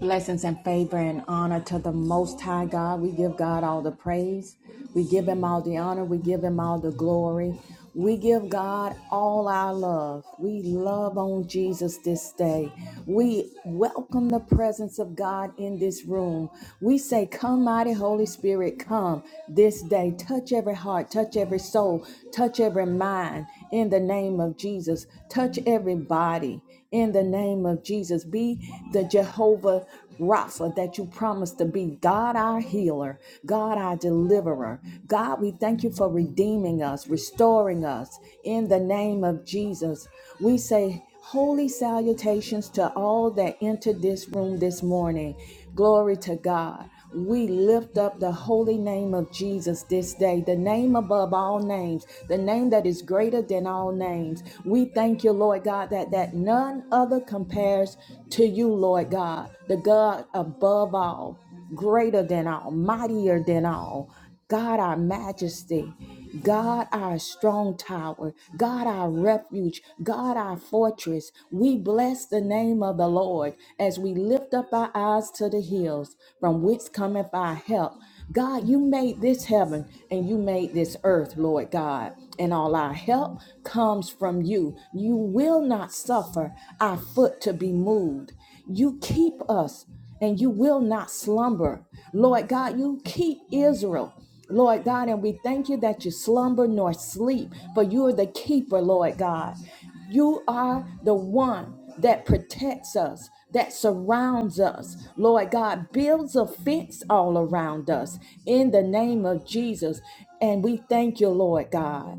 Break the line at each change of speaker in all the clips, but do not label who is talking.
Blessings and favor and honor to the Most High God. We give God all the praise. We give Him all the honor. We give Him all the glory. We give God all our love. We love on Jesus this day. We welcome the presence of God in this room. We say, Come, mighty Holy Spirit, come this day. Touch every heart, touch every soul, touch every mind in the name of Jesus. Touch everybody in the name of Jesus. Be the Jehovah Rapha that you promised to be God our healer, God our deliverer. God, we thank you for redeeming us, restoring us in the name of Jesus. We say, Holy salutations to all that entered this room this morning. Glory to God we lift up the holy name of Jesus this day, the name above all names, the name that is greater than all names. We thank you, Lord God, that, that none other compares to you, Lord God, the God above all, greater than all, mightier than all. God, our majesty. God, our strong tower. God, our refuge. God, our fortress. We bless the name of the Lord as we lift up our eyes to the hills from which cometh our help. God, you made this heaven and you made this earth, Lord God. And all our help comes from you. You will not suffer our foot to be moved. You keep us and you will not slumber. Lord God, you keep Israel. Lord God, and we thank you that you slumber nor sleep, for you are the keeper, Lord God. You are the one that protects us, that surrounds us. Lord God, builds a fence all around us in the name of Jesus. And we thank you, Lord God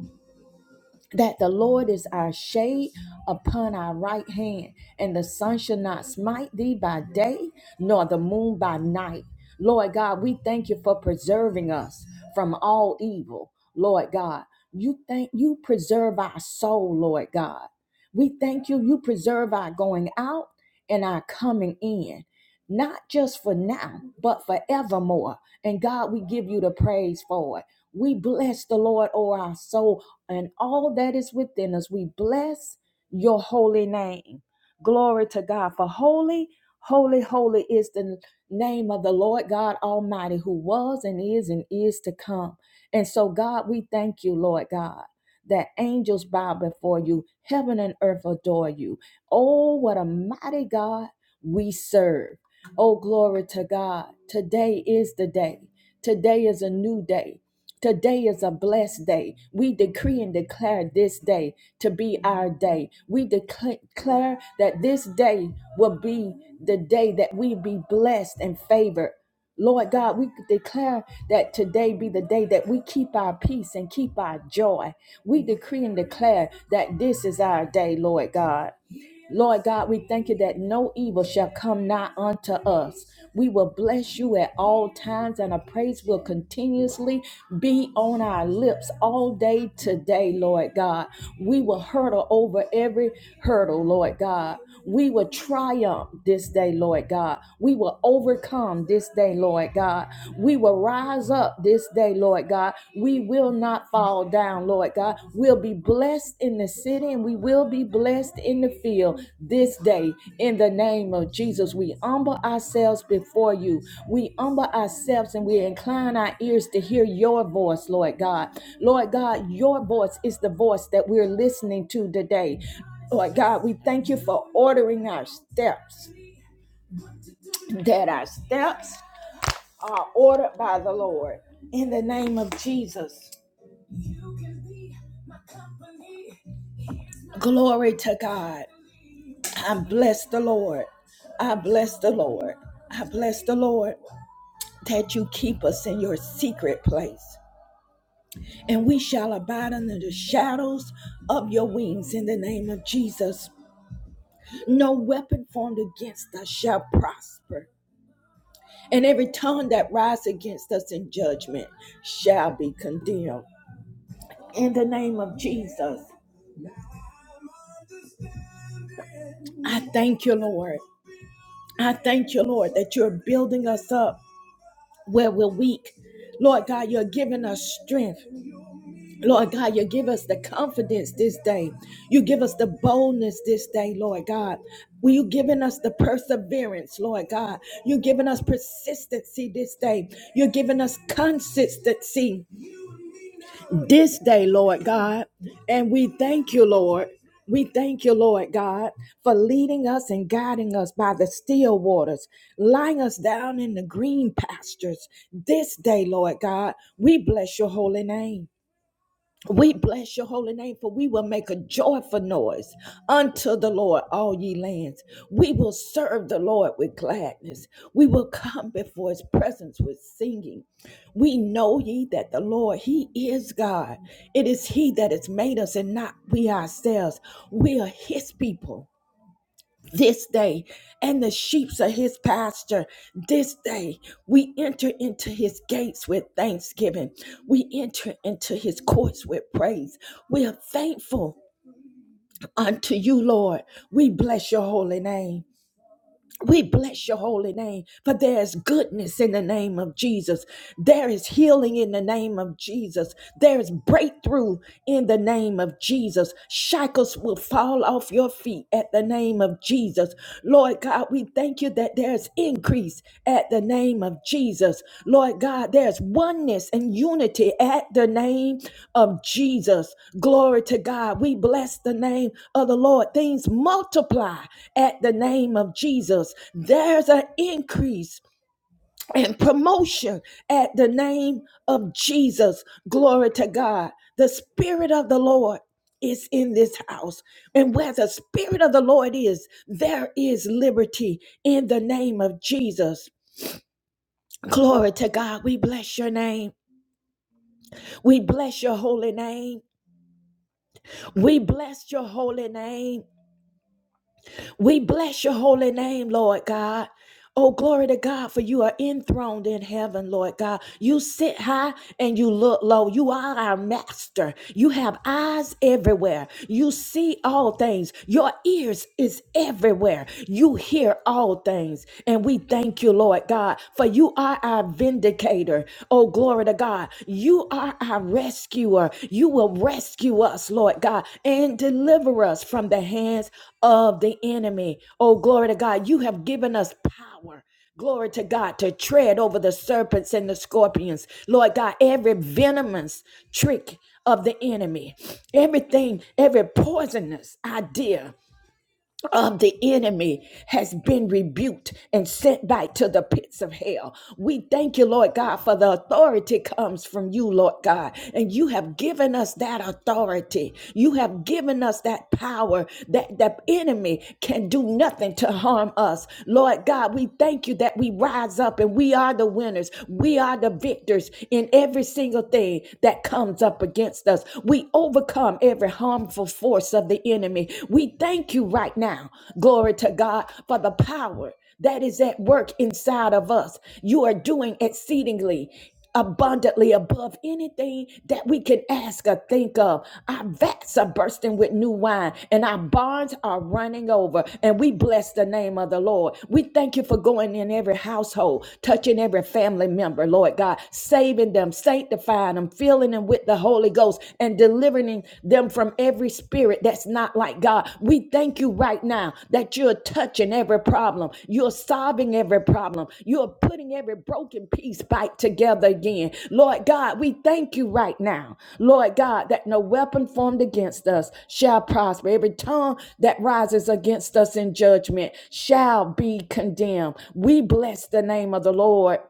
that the Lord is our shade upon our right hand, and the sun shall not smite thee by day, nor the moon by night. Lord God, we thank you for preserving us from all evil. Lord God, you thank you preserve our soul, Lord God. We thank you, you preserve our going out and our coming in, not just for now, but forevermore. And God, we give you the praise for it. We bless the Lord, O our soul, and all that is within us. We bless your holy name. Glory to God. For holy, holy, holy is the name of the Lord God Almighty, who was and is and is to come. And so, God, we thank you, Lord God. That angels bow before you, heaven and earth adore you. Oh, what a mighty God we serve. Oh, glory to God. Today is the day. Today is a new day. Today is a blessed day. We decree and declare this day to be our day. We decla- declare that this day will be the day that we be blessed and favored. Lord God, we declare that today be the day that we keep our peace and keep our joy. We decree and declare that this is our day, Lord God. Lord God, we thank you that no evil shall come nigh unto us. We will bless you at all times, and our praise will continuously be on our lips all day today, Lord God. We will hurdle over every hurdle, Lord God. We will triumph this day, Lord God. We will overcome this day, Lord God. We will rise up this day, Lord God. We will not fall down, Lord God. We'll be blessed in the city and we will be blessed in the field this day. In the name of Jesus, we humble ourselves before you. We humble ourselves and we incline our ears to hear your voice, Lord God. Lord God, your voice is the voice that we're listening to today. Lord God, we thank you for ordering our steps, that our steps are ordered by the Lord. In the name of Jesus. Glory to God. I bless the Lord. I bless the Lord. I bless the Lord that you keep us in your secret place. And we shall abide under the shadows of your wings in the name of Jesus. No weapon formed against us shall prosper. And every tongue that rises against us in judgment shall be condemned. In the name of Jesus, I thank you, Lord. I thank you, Lord, that you're building us up where we're weak. Lord God, you're giving us strength. Lord God, you give us the confidence this day. You give us the boldness this day, Lord God. Well, you giving us the perseverance, Lord God. You're giving us persistency this day. You're giving us consistency this day, Lord God. And we thank you, Lord. We thank you, Lord God, for leading us and guiding us by the still waters, lying us down in the green pastures. This day, Lord God, we bless your holy name. We bless your holy name, for we will make a joyful noise unto the Lord, all ye lands. We will serve the Lord with gladness. We will come before his presence with singing. We know ye that the Lord, he is God. It is he that has made us and not we ourselves. We are his people this day and the sheep's of his pasture this day we enter into his gates with thanksgiving we enter into his courts with praise we are thankful unto you lord we bless your holy name we bless your holy name, for there is goodness in the name of Jesus. There is healing in the name of Jesus. There is breakthrough in the name of Jesus. Shackles will fall off your feet at the name of Jesus. Lord God, we thank you that there's there's increase at the name of Jesus. Lord God, there's oneness and unity at the name of Jesus. Glory to God. We bless the name of the Lord. Things multiply at the name of Jesus. There's an increase and promotion at the name of Jesus. Glory to God. The Spirit of the Lord is in this house. And where the Spirit of the Lord is, there is liberty in the name of Jesus. Glory to God. We bless your name. We bless your holy name. We bless your holy name. We bless your holy name, Lord God. Oh, glory to God, for you are enthroned in heaven, Lord God. You sit high and you look low. You are our master. You have eyes everywhere. You see all things. Your ears is everywhere. You hear all things. And we thank you, Lord God, for you are our vindicator. Oh, glory to God. You are our rescuer. You will rescue us, Lord God, and deliver us from the hands of the enemy. Oh, glory to God. You have given us power. Glory to God to tread over the serpents and the scorpions. Lord God, every venomous trick of the enemy, everything, every poisonous idea of the enemy has been rebuked and sent back to the pits of hell. We thank you, Lord God, for the authority comes from you, Lord God. And you have given us that authority. You have given us that power that the enemy can do nothing to harm us. Lord God, we thank you that we rise up and we are the winners. We are the victors in every single thing that comes up against us. We overcome every harmful force of the enemy. We thank you right now, glory to God, for the power that is at work inside of us. You are doing exceedingly abundantly above anything that we can ask or think of. Our vats are bursting with new wine and our barns are running over. And we bless the name of the Lord. We thank you for going in every household, touching every family member, Lord God, saving them, sanctifying them God. I'm filling them with the Holy Ghost and delivering them from every spirit that's not like God. We thank you right now that you're touching every problem. You're solving every problem. You're putting every broken piece back together again. Lord God, we thank you right now. Lord God, that no weapon formed against us shall prosper. Every tongue that rises against us in judgment shall be condemned. We bless the name of the Lord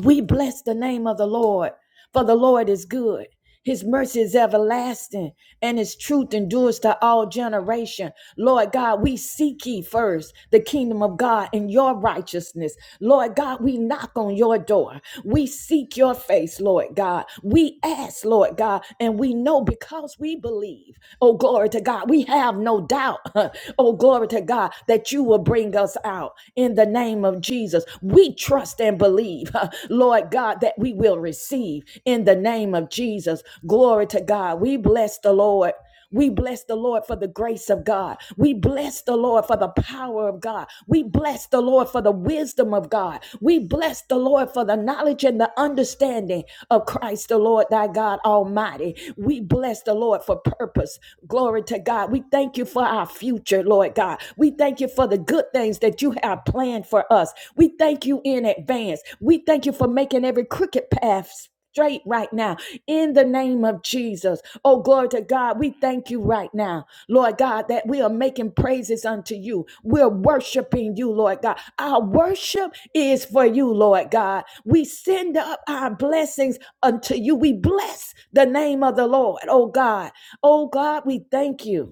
we bless the name of the Lord, for the Lord is good. His mercy is everlasting, and his truth endures to all generation. Lord God, we seek ye first the kingdom of God and your righteousness. Lord God, we knock on your door. We seek your face, Lord God. We ask, Lord God, and we know because we believe. Oh, glory to God. We have no doubt, oh, glory to God, that you will bring us out in the name of name of Jesus, we trust and believe, huh, Lord God, that we will receive in the name of Jesus. Glory to God. We bless the Lord. We bless the Lord for the grace of God. We bless the Lord for the power of God. We bless the Lord for the wisdom of God. We bless the Lord for the knowledge and the understanding of Christ the Lord, thy God Almighty. We bless the Lord for purpose. Glory to God. We thank you for our future, Lord God. We thank you for the good things that you have planned for us. We thank you in advance. We thank you for making every crooked path straight right now in the name of Jesus. Oh, glory to God. We thank you right now, Lord God, that we are making praises unto you. We're worshiping you, Lord God. Our worship is for you, Lord God. We send up our blessings unto you. We bless the name of the Lord, oh God. Oh God, we thank you.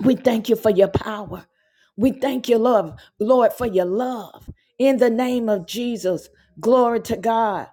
We thank you for your power. We thank you, love, Lord, for your love. In the name of Jesus, glory to God.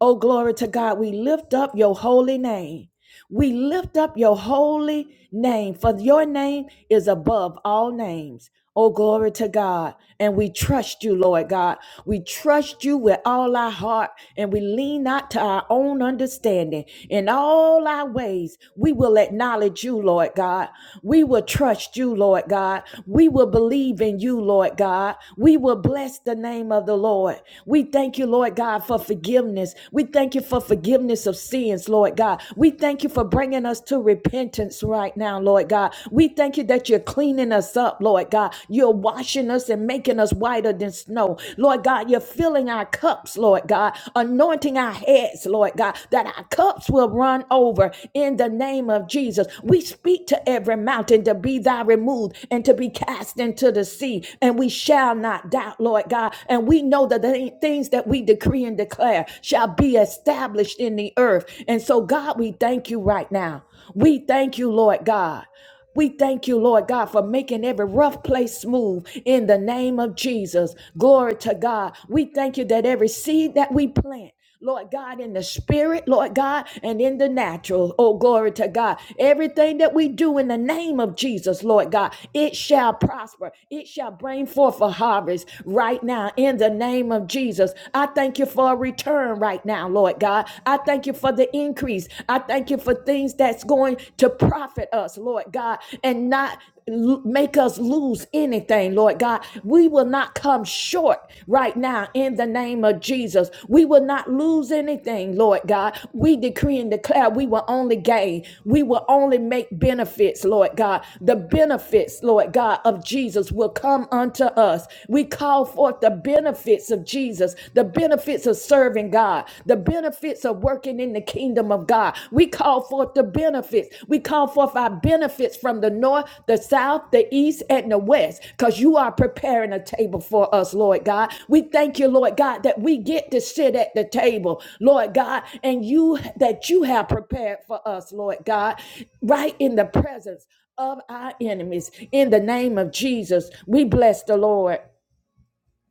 Oh, glory to God. We lift up your holy name. We lift up your holy name, for your name is above all names. Oh, glory to God. And we trust you, Lord God. We trust you with all our heart, and we lean not to our own understanding. In all our ways, we will acknowledge you, Lord God. We will trust you, Lord God. We will believe in you, Lord God. We will bless the name of the Lord. We thank you, Lord God, for forgiveness. We thank you for forgiveness of sin sins, Lord God. We thank you for bringing us to repentance right now, Lord God. We thank you that you're cleaning us up, Lord God. You're washing us and making us whiter than snow. Lord God, you're filling our cups, Lord God, anointing our heads, Lord God, that our cups will run over in the name of Jesus. We speak to every mountain to be thy removed and to be cast into the sea, and we shall not doubt, Lord God. And we know that the things that we decree and declare shall be be established in the earth. And so, God, we thank you right now. We thank you, Lord God. We thank you, Lord God, for making every rough place smooth in the name of Jesus. Glory to God. We thank you that every seed that we plant, Lord God, in the spirit, Lord God, and in the natural. Oh, glory to God. Everything that we do in the name of Jesus, Lord God, it shall prosper. It shall bring forth a harvest right now in the name of Jesus. I thank thank you for a return right now, Lord God. I thank you for the increase. I thank you for things that's going to profit us, Lord God, and not make us lose anything, Lord God. We will not come short right now in the name of Jesus. We will not lose anything, Lord God. We decree and declare we will only gain. We will only make benefits, Lord God. The benefits, Lord God, of Jesus will come unto us. We call forth the benefits benefits of Jesus, the benefits of serving God, the benefits of working in the kingdom of God. We call forth the benefits. We call forth our benefits from the north, the south, the east, and the west, because you are preparing a table for us, Lord God. We thank you, Lord God, that we get to sit at the table, Lord God, and you that you have prepared for us, Lord God, right in the presence of our enemies. In the name of Jesus, we bless the Lord.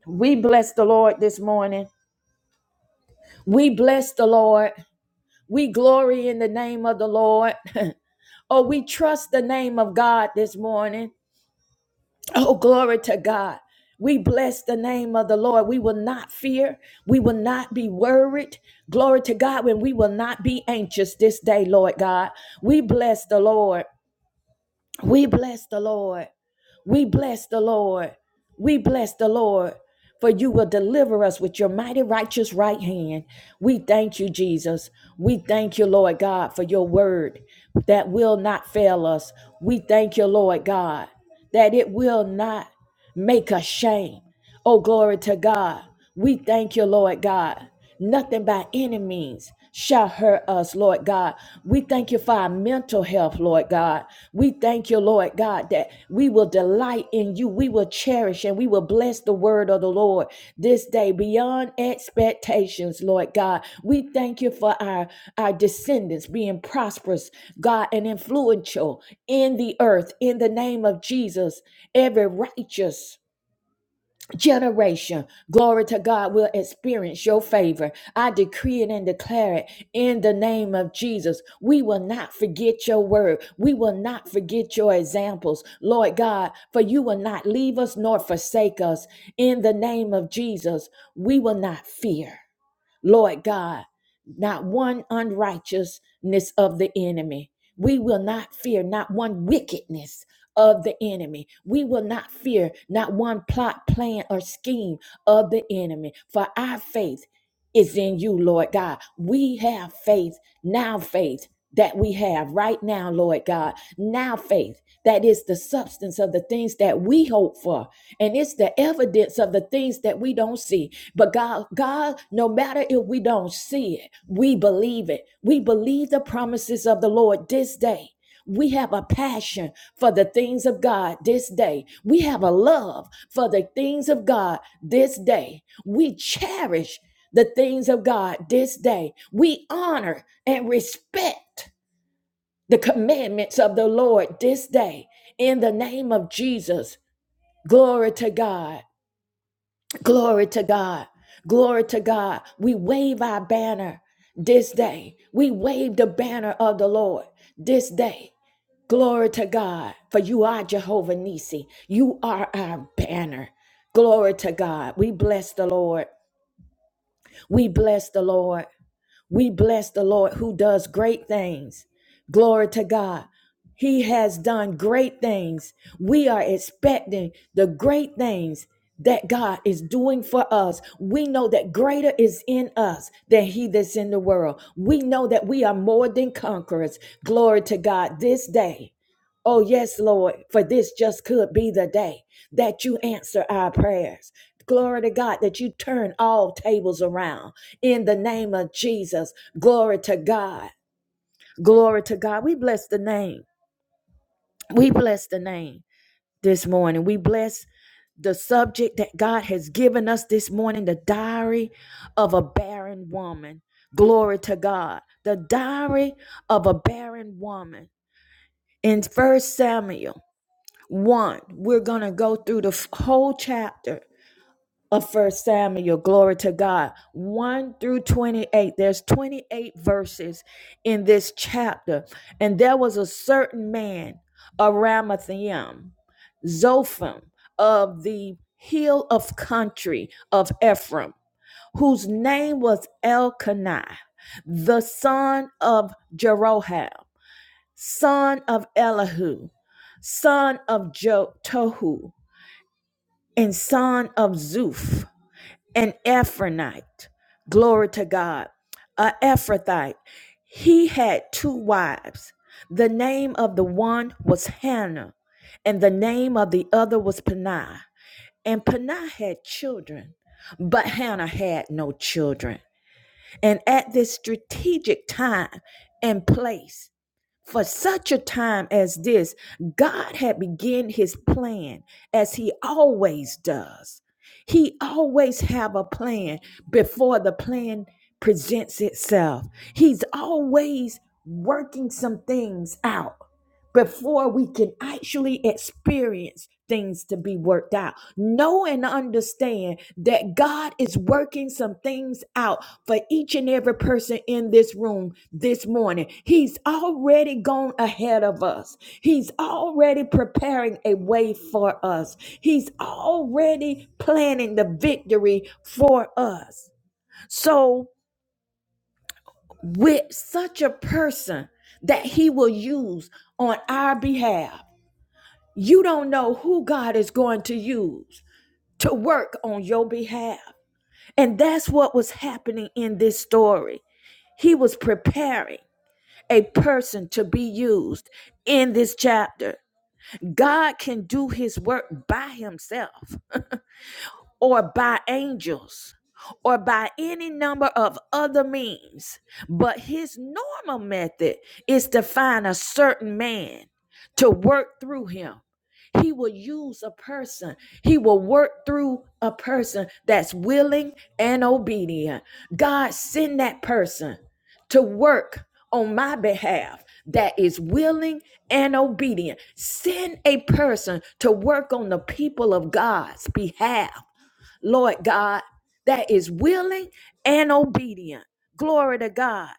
We bless the Lord this morning. We bless the Lord. We glory in the name of the Lord. oh, we trust the name of God this morning. Oh, glory to God. We bless the name of the Lord. We will not fear. We will not be worried. Glory to God when we will not be anxious this day, Lord God. We bless the Lord. We bless the Lord. We bless the Lord. We bless the Lord. For you will deliver us with your mighty righteous right hand. We thank you, Jesus. We thank you, Lord God, for your word that will not fail us. We thank you, Lord God, that it will not make us shame. Oh, glory to God. We thank you, Lord God. Nothing by any means shall hurt us, Lord God. We thank you for our mental health, Lord God. We thank you, Lord God, that we will delight in you. We will cherish and we will bless the word of the Lord this day beyond expectations, Lord God. We thank you for our, our descendants being prosperous, God, and influential in the earth in the name of Jesus. Every righteous generation, glory to God, will experience your favor. I decree it and declare it in the name of Jesus. We will not forget your word. We will not forget your examples, Lord God, for you will not leave us nor forsake us. In the name of Jesus, we will not fear. Lord God, not one unrighteousness of the enemy. We will not fear not one wickedness of the enemy. We will not fear not one plot, plan, or scheme of the enemy. For our faith is in you, Lord God. We have faith, now faith that we have right now, Lord God. Now, faith that is the substance of the things that we hope for, and it's the evidence of the things that we don't see. But God, God, no matter if we don't see it, we believe it. We believe the promises of the Lord this day. We have a passion for the things of God this day. We have a love for the things of God this day. We cherish the things of God this day. We honor and respect the commandments of the Lord this day. In the name of Jesus, glory to God. Glory to God. Glory to God. We wave our banner this day. We wave the banner of the Lord this day. Glory to God. For you are Jehovah Nissi. You are our banner. Glory to God. We bless the Lord. We bless the Lord. We bless the Lord who does great things. Glory to God. He has done great things. We are expecting the great things that God is doing for us. We know that greater is in us than he that's in the world. We know that we are more than conquerors. Glory to God this day. Oh, yes, Lord, for this just could be the day that you answer our prayers. Glory to God that you turn all tables around in the name of Jesus. Glory to God. Glory to God. We bless the name. We bless the name this morning. We bless the subject that God has given us this morning the diary of a barren woman. Glory to God. The diary of a barren woman. In First Samuel 1, we're going to go through the f- whole chapter of first samuel glory to god 1 through 28 there's 28 verses in this chapter and there was a certain man a ramathaim zophim of the hill of country of ephraim whose name was elkanah the son of jeroham son of elihu son of jo- tohu and son of zuph an Ephronite. Glory to God. A Ephrathite. He had two wives. The name of the one was Hannah, and the name of the other was Peniah. And Peniah had children, but Hannah had no children. And at this strategic time and place, for such a time as this, God had begun his plan as he always does. He always have a plan before the plan presents itself. He's always working some things out before we can actually experience things to be worked out. Know and understand that God is working some things out for each and every person in this room this morning. He's already gone ahead of us, He's already preparing a way for us, He's already planning the victory for us. So, with such a person that He will use on our behalf, you don't know who God is going to use to work on your behalf. And that's what was happening in this story. He was preparing a person to be used in this chapter. God can do his work by himself or by angels or by any number of other means. But his normal method is to find a certain man to work through him. He will use a person. He will work through a person that's willing and obedient. God, send that person to work on my behalf that is willing and obedient. Send a person to work on the people of God's behalf Lord God, that is willing and obedient. Glory to God.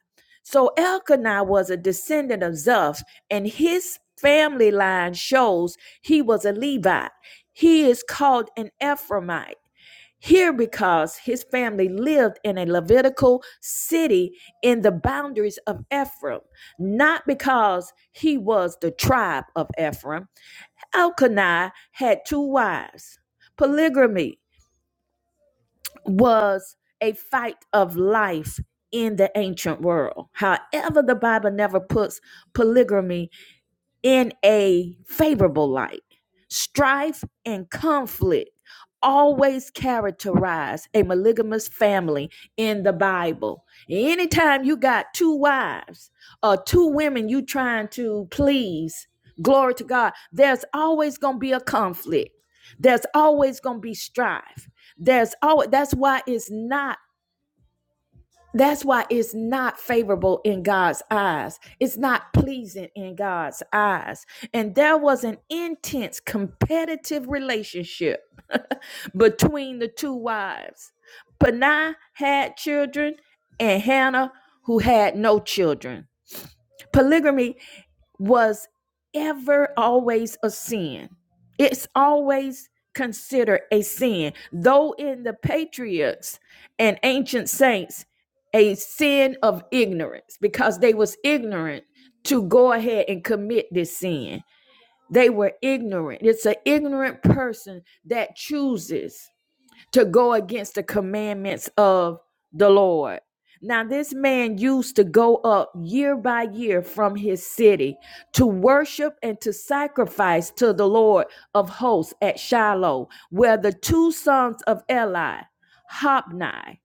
So Elkanah was a descendant of Zoph, and his family line shows he was a Levite. He is called an Ephraimite here because his family lived in a Levitical city in the boundaries of Ephraim, not because he was the tribe of Ephraim. Elkanah had two wives. Polygamy was a fight of life in the ancient world. However, the Bible never puts polygamy in a favorable light. Strife and conflict always characterize a polygamous family in the Bible. Anytime you got two wives or two women you trying to please, glory to God, there's always going to be a conflict. There's always going to be strife. There's always that's why it's not that's why it's not favorable in God's eyes. It's not pleasing in God's eyes. And there was an intense competitive relationship between the two wives. Panah had children and Hannah, who had no children. Polygamy was ever always a sin. It's always considered a sin, though in the patriots and ancient saints, a sin of ignorance because they was ignorant to go ahead and commit this sin. They were ignorant. It's an ignorant person that chooses to go against the commandments of the Lord. Now, this man used to go up year by year from his city to worship and to sacrifice to the Lord of hosts at Shiloh, where the two sons of Eli, Hophni,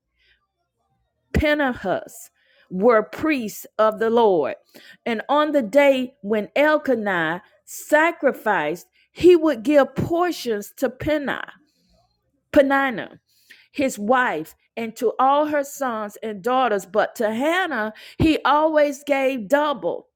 Phinehas, were priests of the Lord. And on the day when Elkanah sacrificed, he would give portions to Peniah Penina, his wife, and to all her sons and daughters, but to Hannah he always gave double.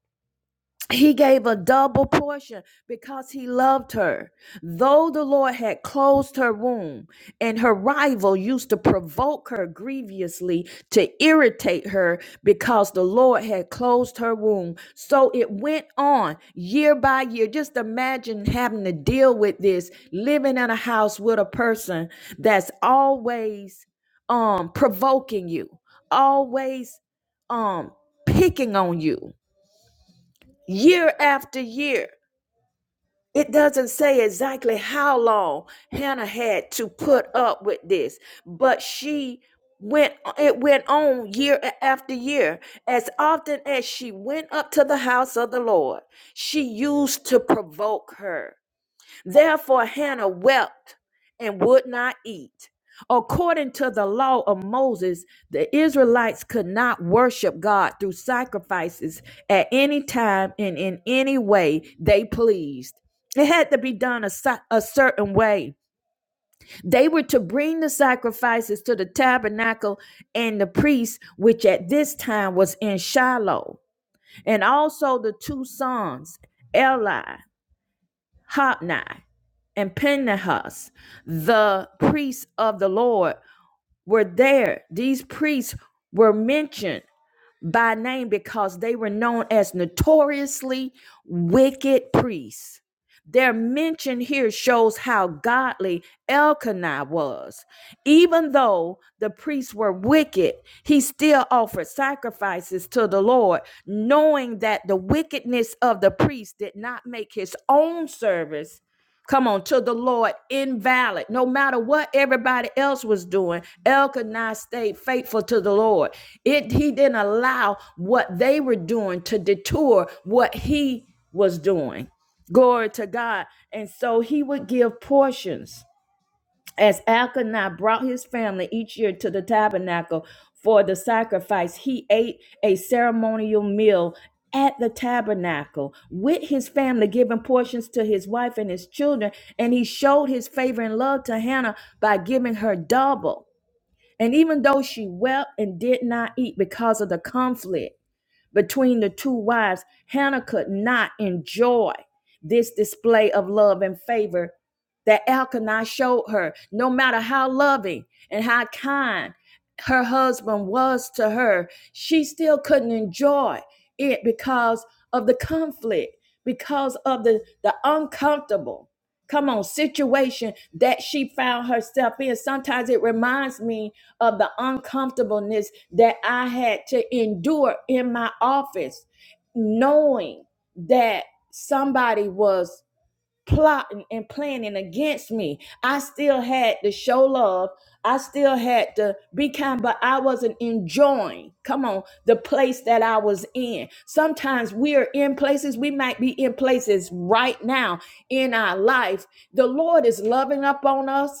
He gave a double portion because he loved her. Though the Lord had closed her womb, and her rival used to provoke her grievously to irritate her because the Lord had closed her womb. So it went on year by year. Just imagine having to deal with this, living in a house with a person that's always um provoking you, always um picking on you year after year. It doesn't say exactly how long Hannah had to put up with this, but she went it went on year after year as often as she went up to the house of the Lord she used to provoke her Therefore, Hannah wept and would not eat. According to the law of Moses, the Israelites could not worship God through sacrifices at any time and in any way they pleased. It had to be done a, si- a certain way. They were to bring the sacrifices to the tabernacle and the priest, which at this time was in Shiloh, and also the two sons, Eli, Hophni and Phinehas, the priests of the Lord, were there. These priests were mentioned by name because they were known as notoriously wicked priests. Their mention here shows how godly Elkanah was. Even though the priests were wicked, he still offered sacrifices to the Lord, knowing that the wickedness of the priests did not make his own service Come on, to the Lord, invalid. No matter what everybody else was doing, Elkanah stayed faithful to the Lord. It he didn't allow what they were doing to detour what he was doing. Glory to God. And so he would give portions. As Elkanah brought his family each year to the tabernacle for the sacrifice, he ate a ceremonial meal at the tabernacle with his family, giving portions to his wife and his children. And he showed his favor and love to Hannah by giving her double. And even though she wept and did not eat because of the conflict, between the two wives, Hannah could not enjoy this display of love and favor that Elkanah showed her. No matter how loving and how kind her husband was to her, she still couldn't enjoy it because of the conflict, because of the, the uncomfortable. Come on, situation that she found herself in. Sometimes it reminds me of the uncomfortableness that I had to endure in my office, knowing that somebody was plotting and planning against me. I still had to show love. I still had to be kind, but I wasn't enjoying, come on, the place that I was in. Sometimes we are in places, we might be in places right now in our life. The Lord is loving up on us.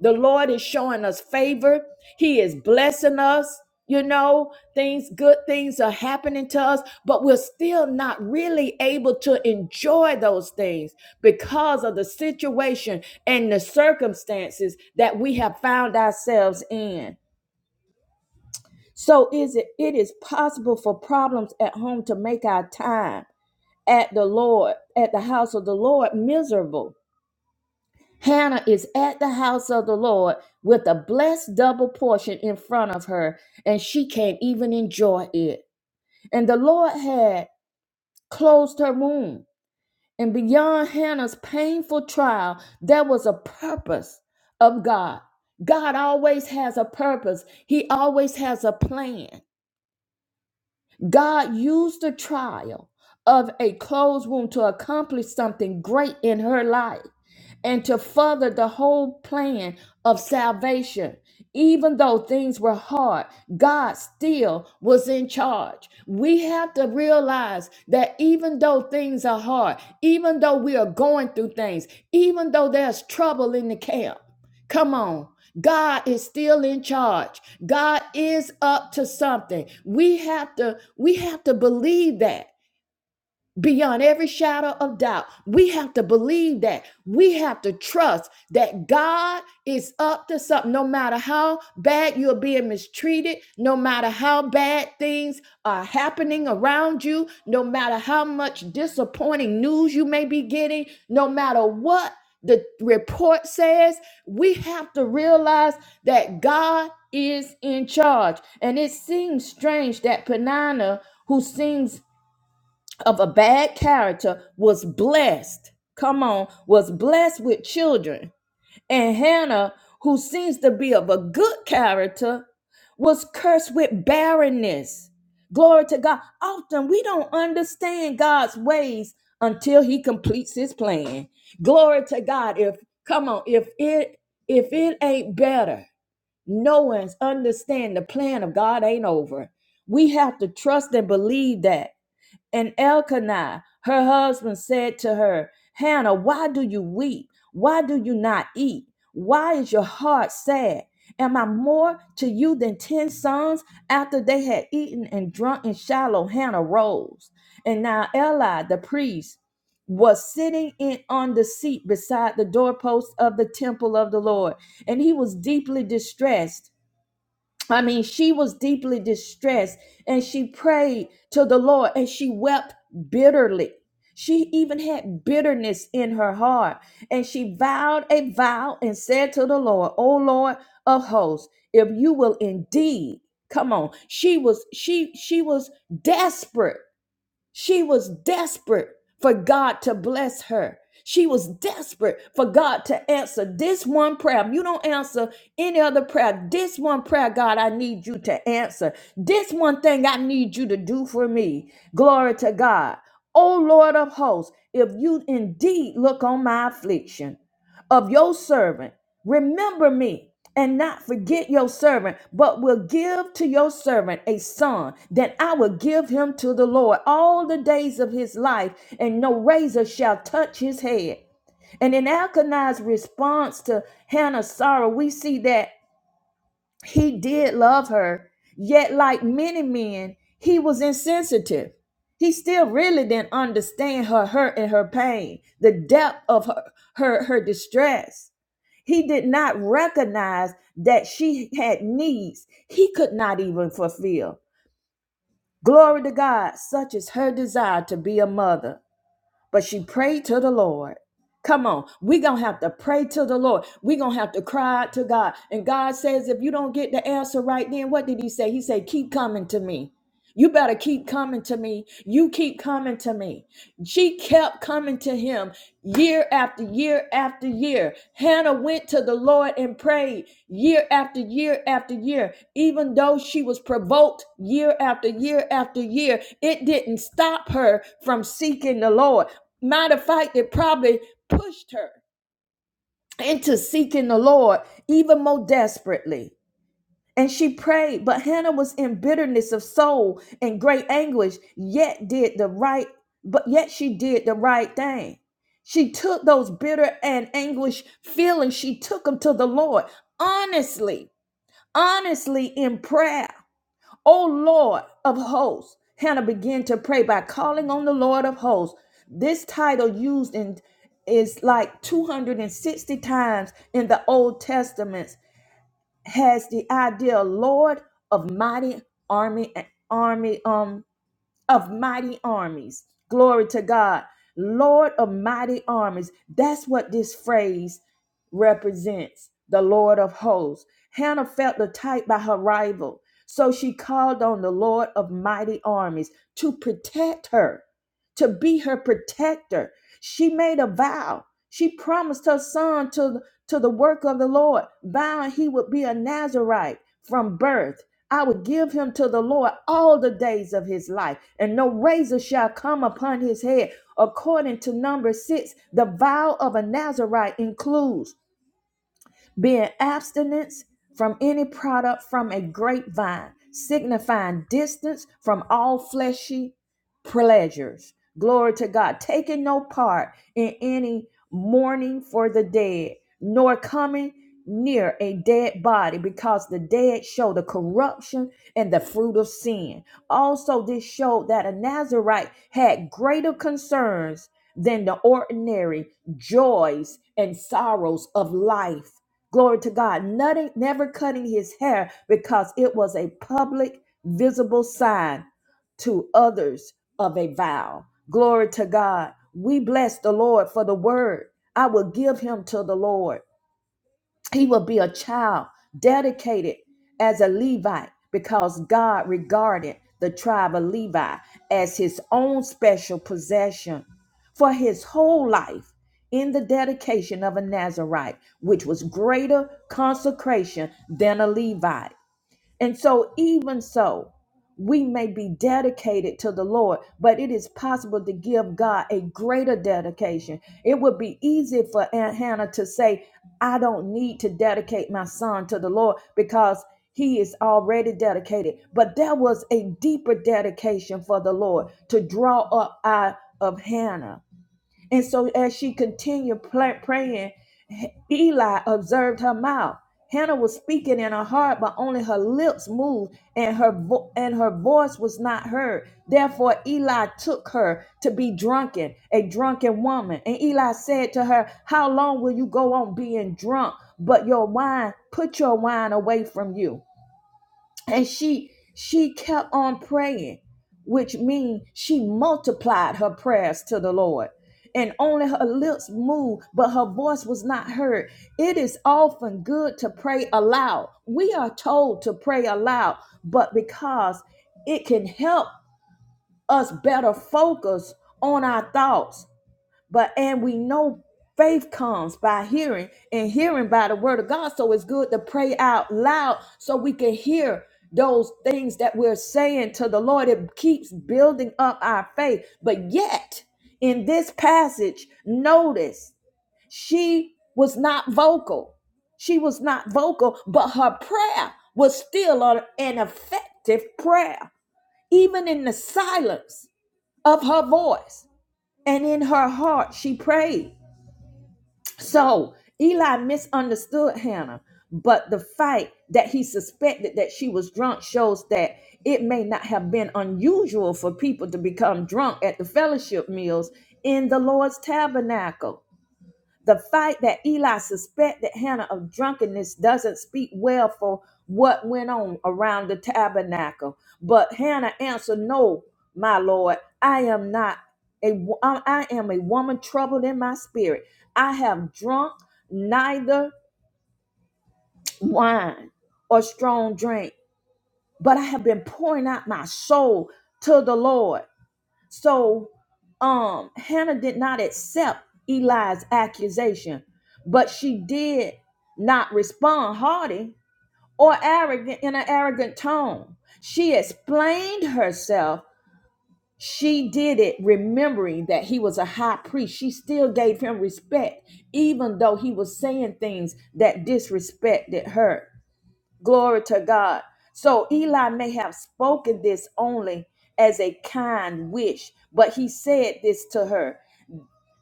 The Lord is showing us favor. He is blessing us. You know, things, good things are happening to us, but we're still not really able to enjoy those things because of the situation and the circumstances that we have found ourselves in. So is it it is possible for problems at home to make our time at the Lord, at the house of the Lord miserable Hannah is at the house of the Lord with a blessed double portion in front of her, and she can't even enjoy it. And the Lord had closed her womb. And beyond Hannah's painful trial, there was a purpose of God. God always has a purpose, He always has a plan. God used the trial of a closed womb to accomplish something great in her life and to further the whole plan of salvation. Even though things were hard, God still was in charge. We have to realize that even though things are hard, even though we are going through things, even though there's trouble in the camp, come on. God is still in charge. God is up to something. We have to we have to believe that beyond every shadow of doubt. We have to believe that. We have to trust that God is up to something. No matter how bad you're being mistreated, no matter how bad things are happening around you, no matter how much disappointing news you may be getting, no matter what the report says, we have to realize that God is in charge. And it seems strange that Penina, who sings of a bad character was blessed. Come on, was blessed with children. And Hannah, who seems to be of a good character, was cursed with barrenness. Glory to God. Often we don't understand God's ways until he completes his plan. Glory to God. If come on, if it if it ain't better, no one's understand the plan of God ain't over. We have to trust and believe that. And Elkanah, her husband, said to her, Hannah, why do you weep? Why do you not eat? Why is your heart sad? Am I more to you than ten sons? After they had eaten and drunk in Shiloh, Hannah rose. And now Eli, the priest, was sitting in on the seat beside the doorpost of the temple of the Lord, and he was deeply distressed I mean, she was deeply distressed and she prayed to the Lord and she wept bitterly. She even had bitterness in her heart and she vowed a vow and said to the Lord, O Lord of hosts, if you will indeed come on she was she she was desperate she was desperate for God to bless her. She was desperate for God to answer this one prayer. If You don't answer any other prayer. This one prayer, God, I need you to answer. This one thing I need you to do for me. Glory to God. O Lord of hosts, if you indeed look on my affliction of your servant Remember me and not forget your servant, but will give to your servant a son, that I will give him to the Lord all the days of his life, and no razor shall touch his head. And in Elkanah's response to Hannah's sorrow, we see that. He did love her, yet, like many men, he was insensitive. He still really didn't understand her hurt and her pain, the depth of her, her, her distress. He did not recognize that she had needs he could not even fulfill. Glory to God, such is her desire to be a mother but she prayed to the Lord. Come on, we're gonna have to pray to the Lord. We're gonna have to cry out to God. And God says, if you don't get the answer right then, what did He say? He said, keep coming to me. You better keep coming to me. You keep coming to me. She kept coming to him year after year after year. Hannah went to the Lord and prayed year after year after year. Even though she was provoked year after year after year, it didn't stop her from seeking the Lord. Matter of fact, it probably pushed her into seeking the Lord even more desperately. And she prayed, but Hannah was in bitterness of soul and great anguish, yet did the right, but yet she did the right thing. She took those bitter and anguish feelings, she took them to the Lord honestly, honestly in prayer. O Lord of hosts, Hannah began to pray by calling on the Lord of hosts. This title used in is like 260 times in the Old Testament has the idea Lord of mighty army eh, army um of mighty armies. Glory to God. Lord of mighty armies. That's what this phrase represents. The Lord of hosts. Hannah felt the type by her rival. So she called on the Lord of mighty armies to protect her, to be her protector. She made a vow. She promised her son to to the work of the Lord, vowing he would be a Nazarite from birth. I would give him to the Lord all the days of his life, and no razor shall come upon his head. According to number six, the vow of a Nazarite includes being abstinence from any product from a grapevine, signifying distance from all fleshy pleasures. Glory to God. Taking no part in any mourning for the dead, nor coming near a dead body, because the dead show the corruption and the fruit of sin. Also, this showed that a Nazarite had greater concerns than the ordinary joys and sorrows of life Glory to God. Nothing, never cutting his hair because it was a public, visible sign to others of a vow. Glory to God. We bless the Lord for the word. I will give him to the Lord he will be a child dedicated as a Levite because God regarded the tribe of Levi as his own special possession for his whole life in the dedication of a Nazarite, which was greater consecration than a Levite. And so, even so, we may be dedicated to the Lord, but it is possible to give God a greater dedication. It would be easy for Aunt Hannah to say, I don't need to dedicate my son to the Lord because he is already dedicated. But there was a deeper dedication for the Lord to draw up out of Hannah and so as she continued pla- praying, Eli observed her mouth. Hannah was speaking in her heart, but only her lips moved, and her vo- and her voice was not heard. Therefore, Eli took her to be drunken, a drunken woman. And Eli said to her, "How long will you go on being drunk? But your wine, put your wine away from you." and she she kept on praying which means she multiplied her prayers to the lord and only her lips moved but her voice was not heard it is often good to pray aloud we are told to pray aloud but because it can help us better focus on our thoughts but and we know faith comes by hearing and hearing by the word of God. So it's good to pray out loud so we can hear those things that we're saying to the Lord. It keeps building up our faith. But yet, in this passage, notice she was not vocal. She was not vocal, but her prayer was still a- an effective prayer, even in the silence of her voice and in her heart. She prayed. So Eli misunderstood Hannah, but the fact that he suspected that she was drunk shows that it may not have been unusual for people to become drunk at the fellowship meals in the Lord's tabernacle. The fact that Eli suspected Hannah of drunkenness doesn't speak well for what went on around the tabernacle. But Hannah answered, No, my Lord, I am not. A, wo- I I am a woman troubled in my spirit. I have drunk neither wine or strong drink, but I have been pouring out my soul to the Lord. So um Hannah did not accept Eli's accusation, but she did not respond haughty or arrogant in an arrogant tone. She explained herself. She did it remembering that he was a high priest. She still gave him respect, even though he was saying things that disrespected her. Glory to God. So Eli may have spoken this only as a kind wish, but he said this to her.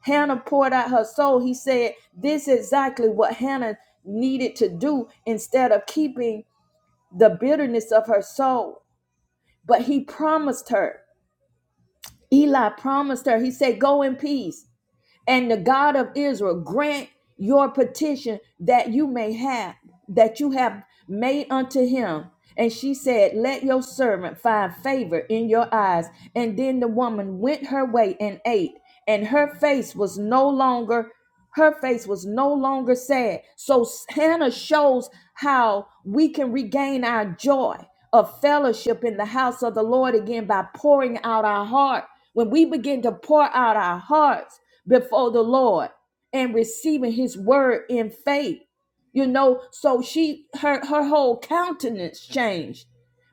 Hannah poured out her soul. He said, This is exactly what Hannah needed to do instead of keeping the bitterness of her soul. But he promised her. Eli promised her. He said, Go in peace. And the God of Israel grant your petition that you may have, that you have made unto him. And she said, Let your servant find favor in your eyes. And then the woman went her way and ate, and her face was no longer. Her face was no longer sad. So Hannah shows how we can regain our joy of fellowship in the house of the Lord again by pouring out our heart. When we begin to pour out our hearts before the Lord and receiving his word in faith, you know, so she her her whole countenance changed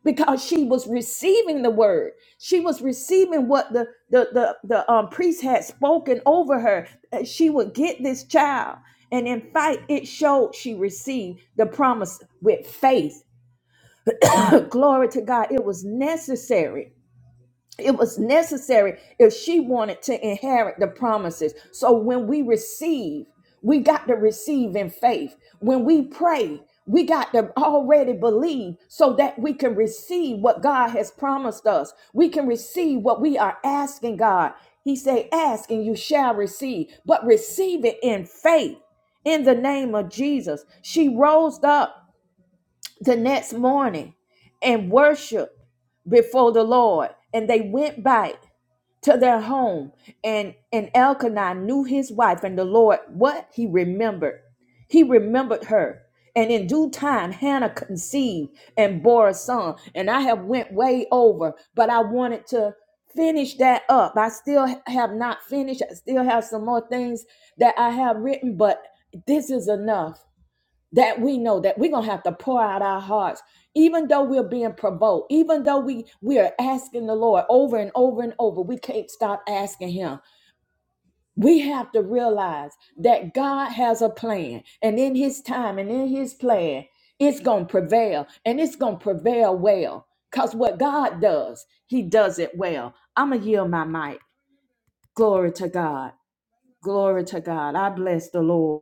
because she was receiving the word. She was receiving what the the the, the um, priest had spoken over her. Uh, She would get this child, and in fact, it showed she received the promise with faith. Glory to God! It was necessary it was necessary if she wanted to inherit the promises. So when we receive, we got to receive in faith. When we pray, we got to already believe so that we can receive what God has promised us. We can receive what we are asking God. He said, ask and you shall receive, but receive it in faith in the name of Jesus. She rose up the next morning and worship before the Lord. And they went back to their home. And, and Elkanah knew his wife, and the Lord, what he remembered. He remembered her. And in due time, Hannah conceived and bore a son. And I have went way over, but I wanted to finish that up. I still have not finished. I still have some more things that I have written, but this is enough that we know that we're gonna have to pour out our hearts, even though we're being provoked, even though we we are asking the Lord over and over and over, we can't stop asking Him. We have to realize that God has a plan, and in His time and in His plan, it's gonna prevail, and it's gonna prevail well. Cause what God does, He does it well. I'ma yield my mic. Glory to God. Glory to God. I bless the Lord.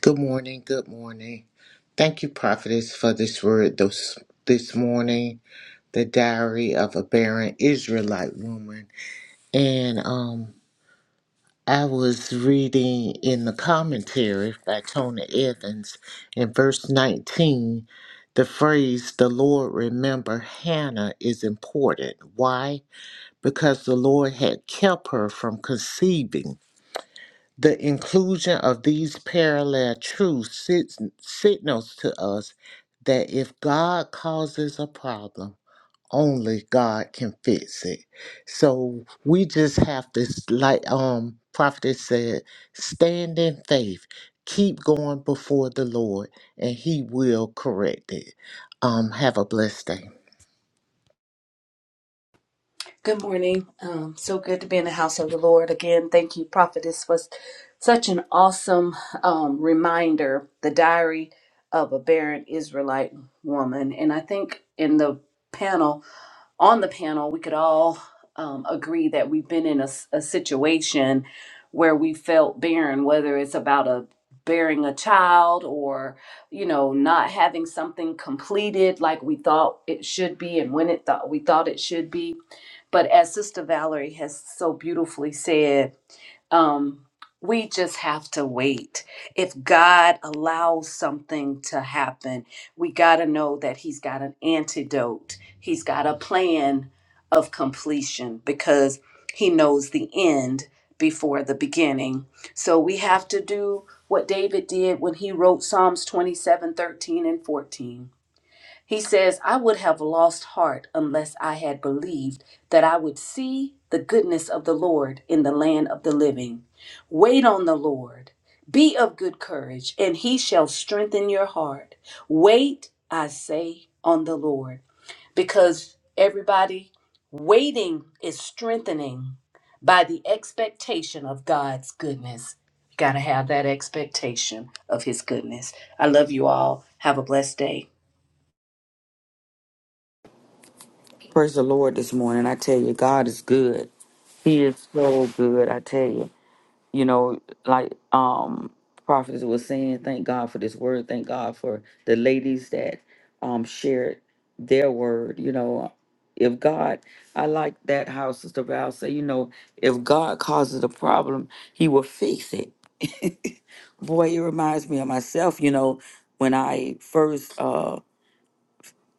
Good morning. Good morning. Thank you, prophetess, for this word this, this morning. The diary of a barren Israelite woman, and um, I was reading in the commentary by Tony Evans in verse nineteen. The phrase "the Lord remember Hannah" is important. Why? Because the Lord had kept her from conceiving the inclusion of these parallel truths sits, signals to us that if God causes a problem, only God can fix it. So we just have to, s- like um prophet said, stand in faith, keep going before the Lord, and He will correct it. Um, have a blessed day.
Good morning. Um, so good to be in the house of the Lord again. Thank you, Prophetess, for s- such an awesome um, reminder. The diary of a barren Israelite woman, and I think in the panel, on the panel, we could all um, agree that we've been in a, s- a situation where we felt barren, whether it's about a bearing a child or you know not having something completed like we thought it should be and when it thought we thought it should be but as Sister Valerie has so beautifully said, um, we just have to wait. If God allows something to happen, we got to know that He's got an antidote, He's got a plan of completion because He knows the end before the beginning. So we have to do what David did when he wrote Psalms 27, 13, and 14. He says, I would have lost heart unless I had believed that I would see the goodness of the Lord in the land of the living. Wait on the Lord. Be of good courage, and he shall strengthen your heart. Wait, I say, on the Lord. Because everybody, waiting is strengthening by the expectation of God's goodness. You Got to have that expectation of his goodness. I love you all. Have a blessed day.
Praise the Lord this morning. I tell you, God is good. He is so good. I tell you. You know, like um prophets was saying, thank God for this word. Thank God for the ladies that um shared their word. You know, if God, I like that how Sister Val said, you know, if God causes a problem, He will fix it. Boy, it reminds me of myself. You know, when I first uh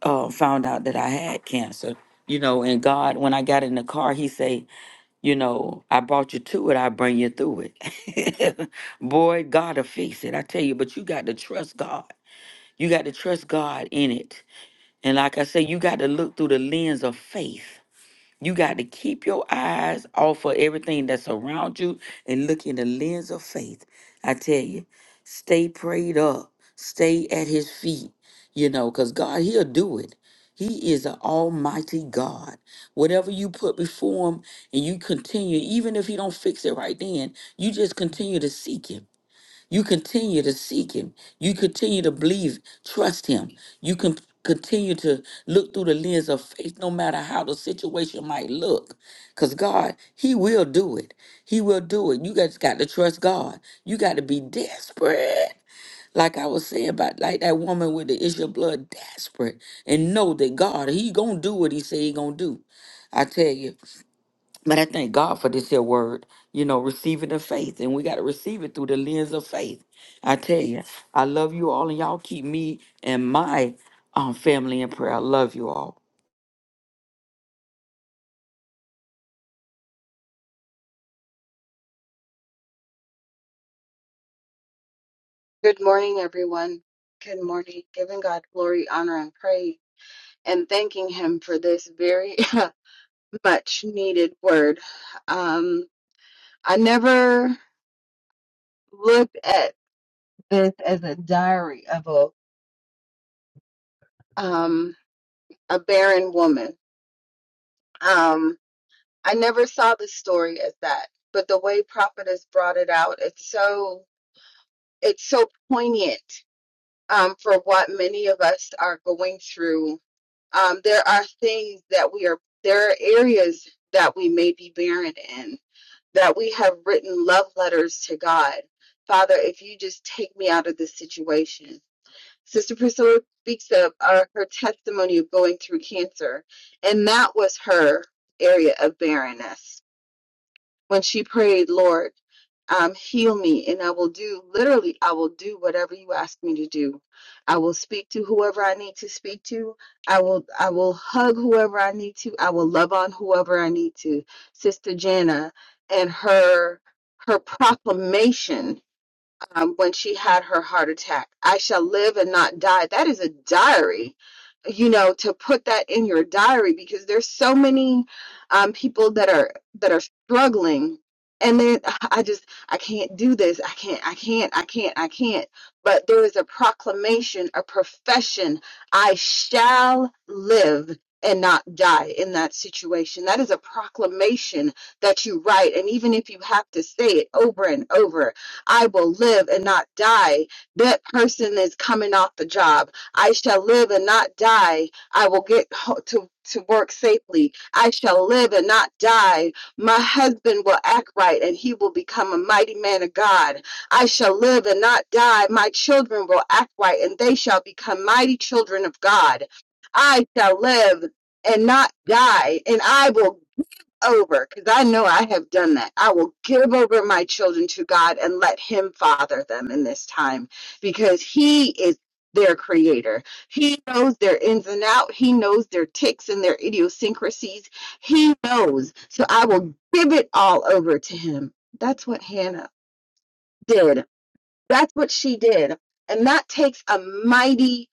uh, found out that I had cancer. You know, and God, when I got in the car, He say, you know, I brought you to it, I bring you through it. Boy, God'll fix it. I tell you, but you got to trust God. You got to trust God in it. And like I say, you got to look through the lens of faith. You got to keep your eyes off of everything that's around you and look in the lens of faith. I tell you, stay prayed up, stay at his feet, you know, because God, he'll do it. He is an almighty God. Whatever you put before him and you continue, even if he don't fix it right then, you just continue to seek him. You continue to seek him. You continue to believe, trust him. You can continue to look through the lens of faith no matter how the situation might look. Because God, he will do it. He will do it. You guys got to trust God. You got to be desperate. Like I was saying about like that woman with the issue of blood, desperate, and know that God, he gonna do what he say he gonna do. I tell you. But I thank God for this here word, you know, receiving of faith. And we got to receive it through the lens of faith. I tell you, I love you all, and y'all keep me and my um, family in prayer. I love you all.
Good morning, everyone. Good morning. Giving God glory, honor, and praise, and thanking Him for this very much needed word. Um, I never looked at this as a diary of a um, a barren woman. Um, I never saw the story as that, but the way Prophetess brought it out, it's so it's so poignant um, for what many of us are going through um, there are things that we are there are areas that we may be barren in that we have written love letters to god father if you just take me out of this situation sister priscilla speaks of uh, her testimony of going through cancer and that was her area of barrenness when she prayed, Lord, um, heal me, and I will do literally, I will do whatever you ask me to do. I will speak to whoever I need to speak to. I will, I will hug whoever I need to. I will love on whoever I need to. Sister Jana and her her proclamation um, when she had her heart attack. I shall live and not die. That is a diary, you know, to put that in your diary because there's so many um, people that are that are struggling, and then uh, I just I can't do this. I can't. I can't. I can't. I can't. But there is a proclamation, a profession. I shall live. And not die in that situation. That is a proclamation that you write. And even if you have to say it over and over I will live and not die. That person is coming off the job. I shall live and not die. I will get ho- to to work safely. I shall live and not die. My husband will act right and he will become a mighty man of God. I shall live and not die. My children will act right and they shall become mighty children of God. I shall live and not die, and I will over because I know I have done that. I will give over my children to God and let Him father them in this time because He is their creator. He knows their ins and out. He knows their ticks and their idiosyncrasies. He knows. So I will give it all over to Him. That's what Hannah did. That's what she did. And that takes a mighty,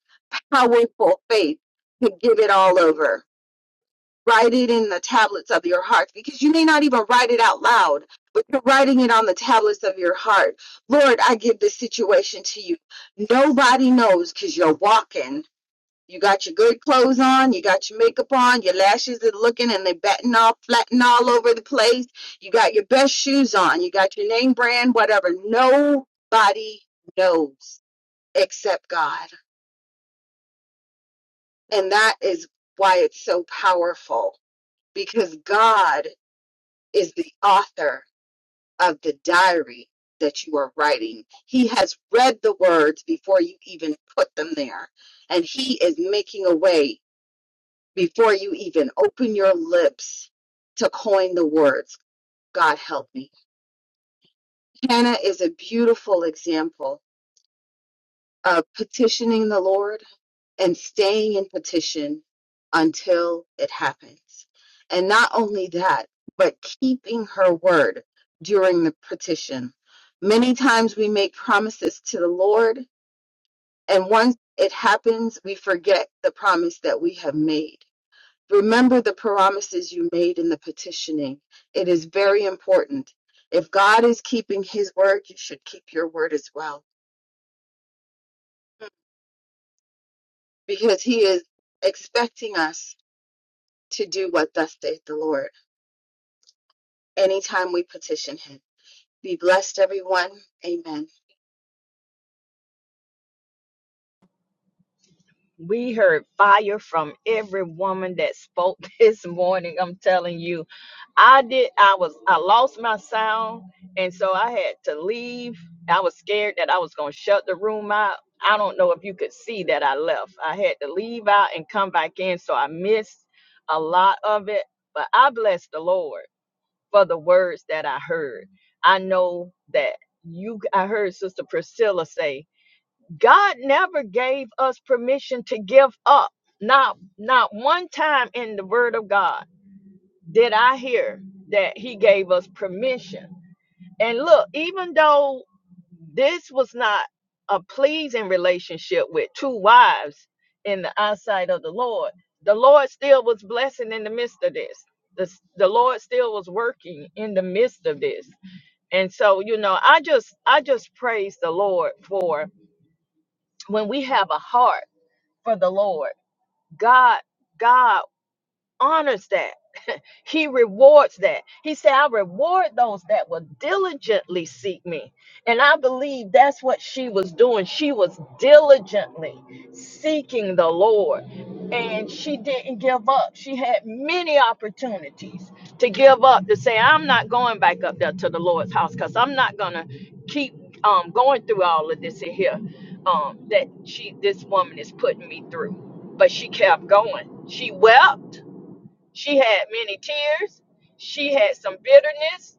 powerful faith to give it all over write it in the tablets of your heart, because you may not even write it out loud, but you're writing it on the tablets of your heart. Lord, I give this situation to you. Nobody knows because you're walking. You got your good clothes on, you got your makeup on, your lashes are looking and they batting all flatten all over the place. You got your best shoes on, you got your name brand, whatever. Nobody knows except God. And that is why it's so powerful because God is the author of the diary that you are writing. He has read the words before you even put them there, and he is making a way before you even open your lips to coin the words. God help me. Hannah is a beautiful example uh, petitioning the Lord and staying in petition until it happens. And not only that, but keeping her word during the petition. Many times we make promises to the Lord, and once it happens, we forget the promise that we have made. Remember the promises you made in the petitioning. It is very important. If God is keeping his word, you should keep your word as well because he is expecting us to do what thus saith the Lord anytime we petition him. Be blessed, everyone. Amen.
We heard fire from every woman that spoke this morning. I'm telling you, I did. I was. I lost my sound, and so I had to leave. I was scared that I was going to shut the room out. I don't know if you could see that I left. I had to leave out and come back in, so I missed a lot of it. But I bless the Lord for the words that I heard. I know that you. I heard Sister Priscilla say God never gave us permission to give up. Not not one time in the word of God did I hear that he gave us permission. And look, even though this was not a pleasing relationship with two wives in the eyesight of the Lord, the Lord still was blessing in the midst of this. The, the Lord still was working in the midst of this. And so, you know, I just I just praise the Lord for when we have a heart for the Lord. God, God honors that. He rewards that. He said, I reward those that will diligently seek me. And I believe that's what she was doing. She was diligently seeking the Lord. And she didn't give up. She had many opportunities to give up, to say, I'm not going back up there to the Lord's house because I'm not going to keep um, going through all of this in here um, that she, this woman is putting me through. But she kept going. She wept she had many tears. She had some bitterness,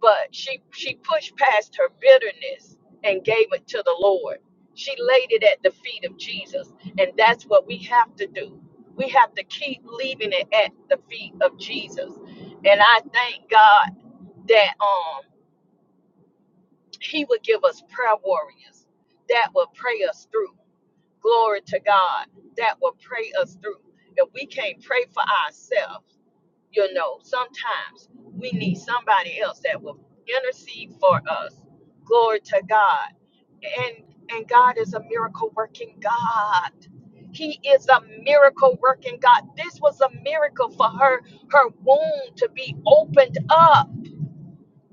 but she she pushed past her bitterness and gave it to the Lord. She laid it at the feet of Jesus, and that's what we have to do. We have to keep leaving it at the feet of Jesus. And I thank God that um he would give us prayer warriors that will pray us through. Glory to God that will pray us through. If we can't pray for ourselves, you know, sometimes we need somebody else that will intercede for us. Glory to God. And and God is a miracle working God. He is a miracle working God. This was a miracle for her her womb to be opened up.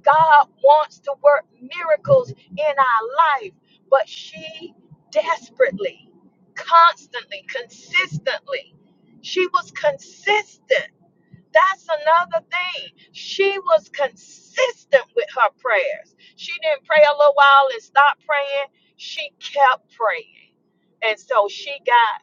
God wants to work miracles in our life, but she desperately, constantly, consistently. She was consistent that's another thing. She was consistent with her prayers. She didn't pray a little while and stop praying. She kept praying. And so she got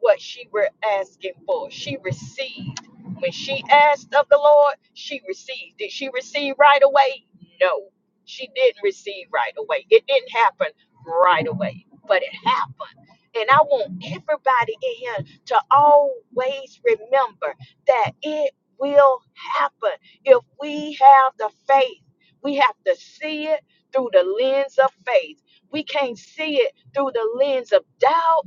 what she were asking for. She received. When she asked of the Lord, she received. Did she receive right away? No. She didn't receive right away. It didn't happen right away, but it happened. And I want everybody in here to always remember that it will happen if we have the faith. We have to see it through the lens of faith. We can't see it through the lens of doubt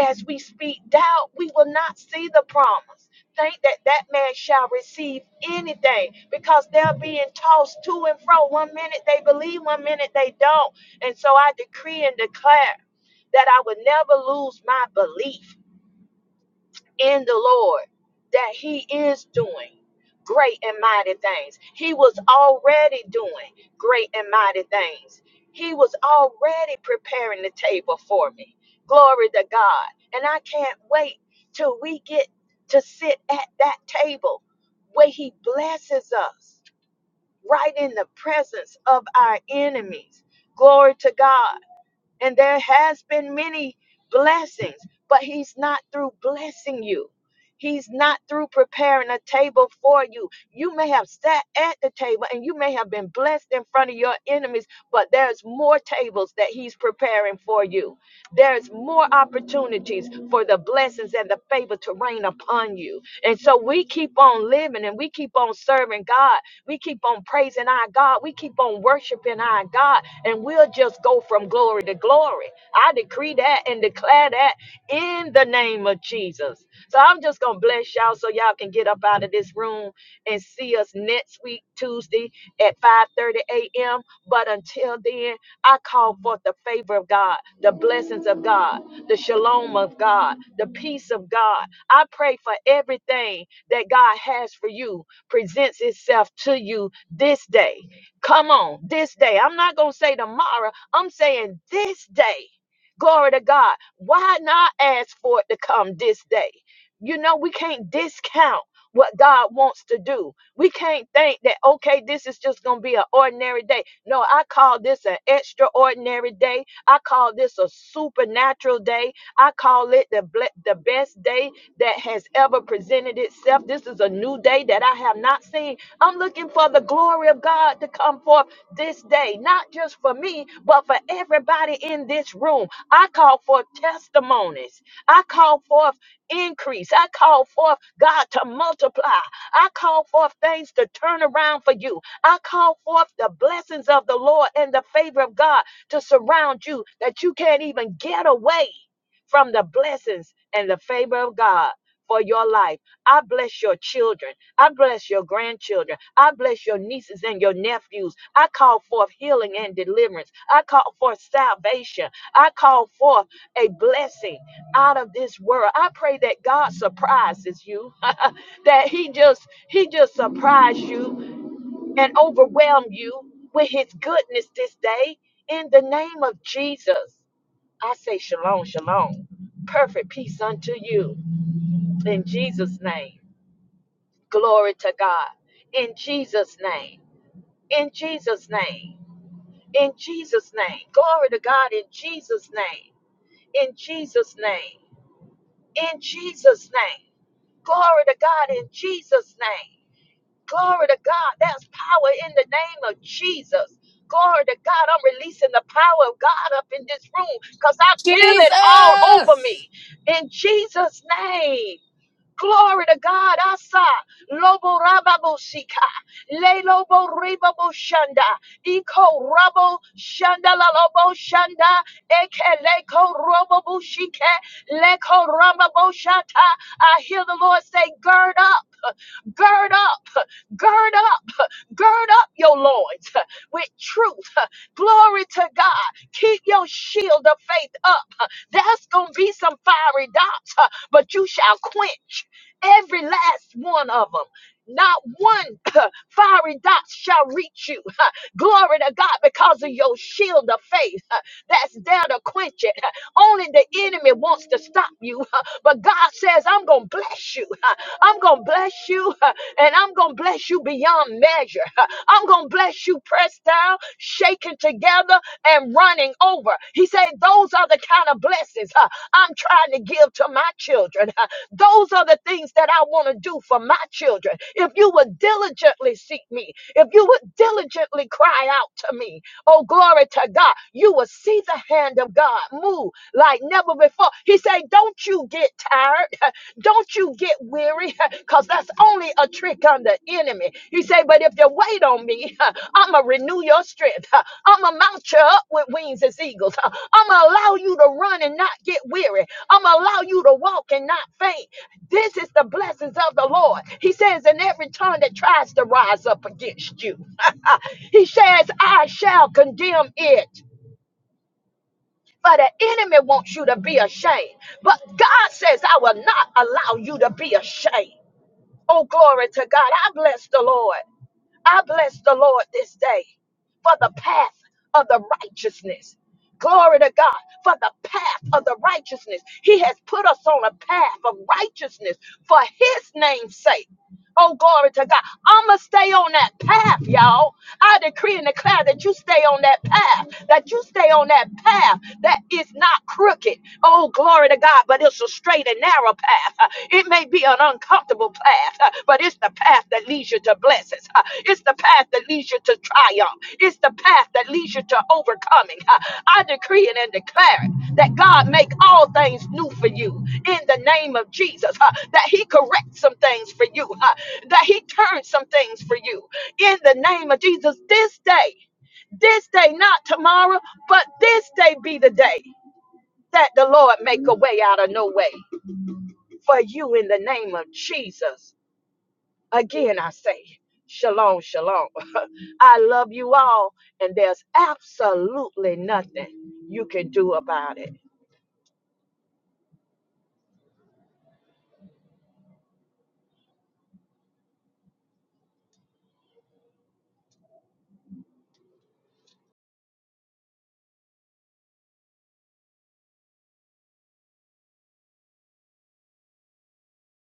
as we speak doubt, we will not see the promise. Think that that man shall receive anything because they're being tossed to and fro. One minute they believe, one minute they don't. And so I decree and declare that I will never lose my belief in the Lord that He is doing great and mighty things. He was already doing great and mighty things. He was already preparing the table for me. Glory to God. And I can't wait till we get to sit at that table where He blesses us right in the presence of our enemies. Glory to God. And there has been many blessings, but he's not through blessing you. He's not through preparing a table for you. You may have sat at the table and you may have been blessed in front of your enemies, but there's more tables that he's preparing for you. There's more opportunities for the blessings and the favor to rain upon you. And so we keep on living and we keep on serving God. We keep on praising our God. We keep on worshiping our God. And we'll just go from glory to glory. I decree that and declare that in the name of Jesus. So I'm just going to bless y'all so y'all can get up out of this room and see us next week, Tuesday at 5:30 a.m. But until then, I call forth the favor of God, the blessings of God, the shalom of God, the peace of God. I pray for everything that God has for you presents itself to you this day. Come on, this day. I'm not going to say tomorrow. I'm saying this day. Glory to God. Why not ask for it to come this day? You know, we can't discount what God wants to do. We can't think that, okay, this is just going to be an ordinary day. No, I call this an extraordinary day. I call this a supernatural day. I call it the, ble- the best day that has ever presented itself. This is a new day that I have not seen. I'm looking for the glory of God to come forth this day, not just for me, but for everybody in this room. I call for testimonies. I call forth increase. I call forth God to multiply. I call forth things to turn around for you. I call forth the blessings of the Lord and the favor of God to surround you that you can't even get away from the blessings and the favor of God. For your life, I bless your children. I bless your grandchildren. I bless your nieces and your nephews. I call forth healing and deliverance. I call forth salvation. I call forth a blessing out of this world. I pray that God surprises you, that He just He just surprise you and overwhelm you with His goodness this day. In the name of Jesus, I say shalom, shalom, perfect peace unto you. In Jesus' name, glory to God. In Jesus' name, in Jesus' name, in Jesus' name, glory to God. In Jesus' name, in Jesus' name, in Jesus' name. Glory to God in Jesus' name. Glory to God. There's power in the name of Jesus. Glory to God. I'm releasing the power of God up in this room because I feel it all over
Jesus!
me in Jesus' name. Glory to God. Asa. Lobo rababo sika. Le lobo ribabo shanda. Iko rabo shanda la lobo shanda. Eke leko robo bushike. Leko ramabo shata. I hear the Lord say, gird up, gird up, gird up, gird up your loins with truth. Glory to God. Keep your shield of faith up. There's going to be some fiery dots, but you shall quench. Every last one of them. Not one fiery dot shall reach you. Glory to God because of your shield of faith that's there to quench it. Only the enemy wants to stop you. But God says, I'm going to bless you. I'm going to bless you and I'm going to bless you beyond measure. I'm going to bless you pressed down, shaken together, and running over. He said, Those are the kind of blessings huh, I'm trying to give to my children. huh. Those are the things that I want to do for my children. If you would diligently seek me, if you would diligently cry out to me, oh, glory to God, you will see the hand of God move like never before. He said, Don't you get tired. Don't you get weary, because that's only a trick on the enemy. He say, but if you wait on me, I'ma renew your strength. I'ma mount you up with wings as eagles. I'ma allow you to run and not get weary. I'ma allow you to walk and not faint. This is the blessings of the Lord. He says, in every tongue that tries to rise up against you, he says, I shall condemn it. For the enemy wants you to be ashamed. But God says, I will not allow you to be ashamed. Oh, glory to God. I bless the Lord. I bless the Lord this day for the path of the righteousness. Glory to God for the path of the righteousness. He has put us on a path of righteousness for His name's sake. Oh, glory to God. I'm going to stay on that path, y'all. I decree and declare that you stay on that path, that you stay on that path that is not crooked. Oh, glory to God, but it's a straight and narrow path. Uh, It may be an uncomfortable path, uh, but it's the path that leads you to blessings. Uh, it's the path that leads you to triumph. It's the path that leads you to overcoming. Uh, I decree it and declare it that God make all things new for you in the name of Jesus. huh, That He corrects some things for you. huh, That He turns some things for you in the name of Jesus. This day, this day, not tomorrow, but this day be the day that the Lord make a way out of no way for you in the name of Jesus. Again, I say, Shalom, Shalom. I love you all, and there's absolutely nothing you can do about it.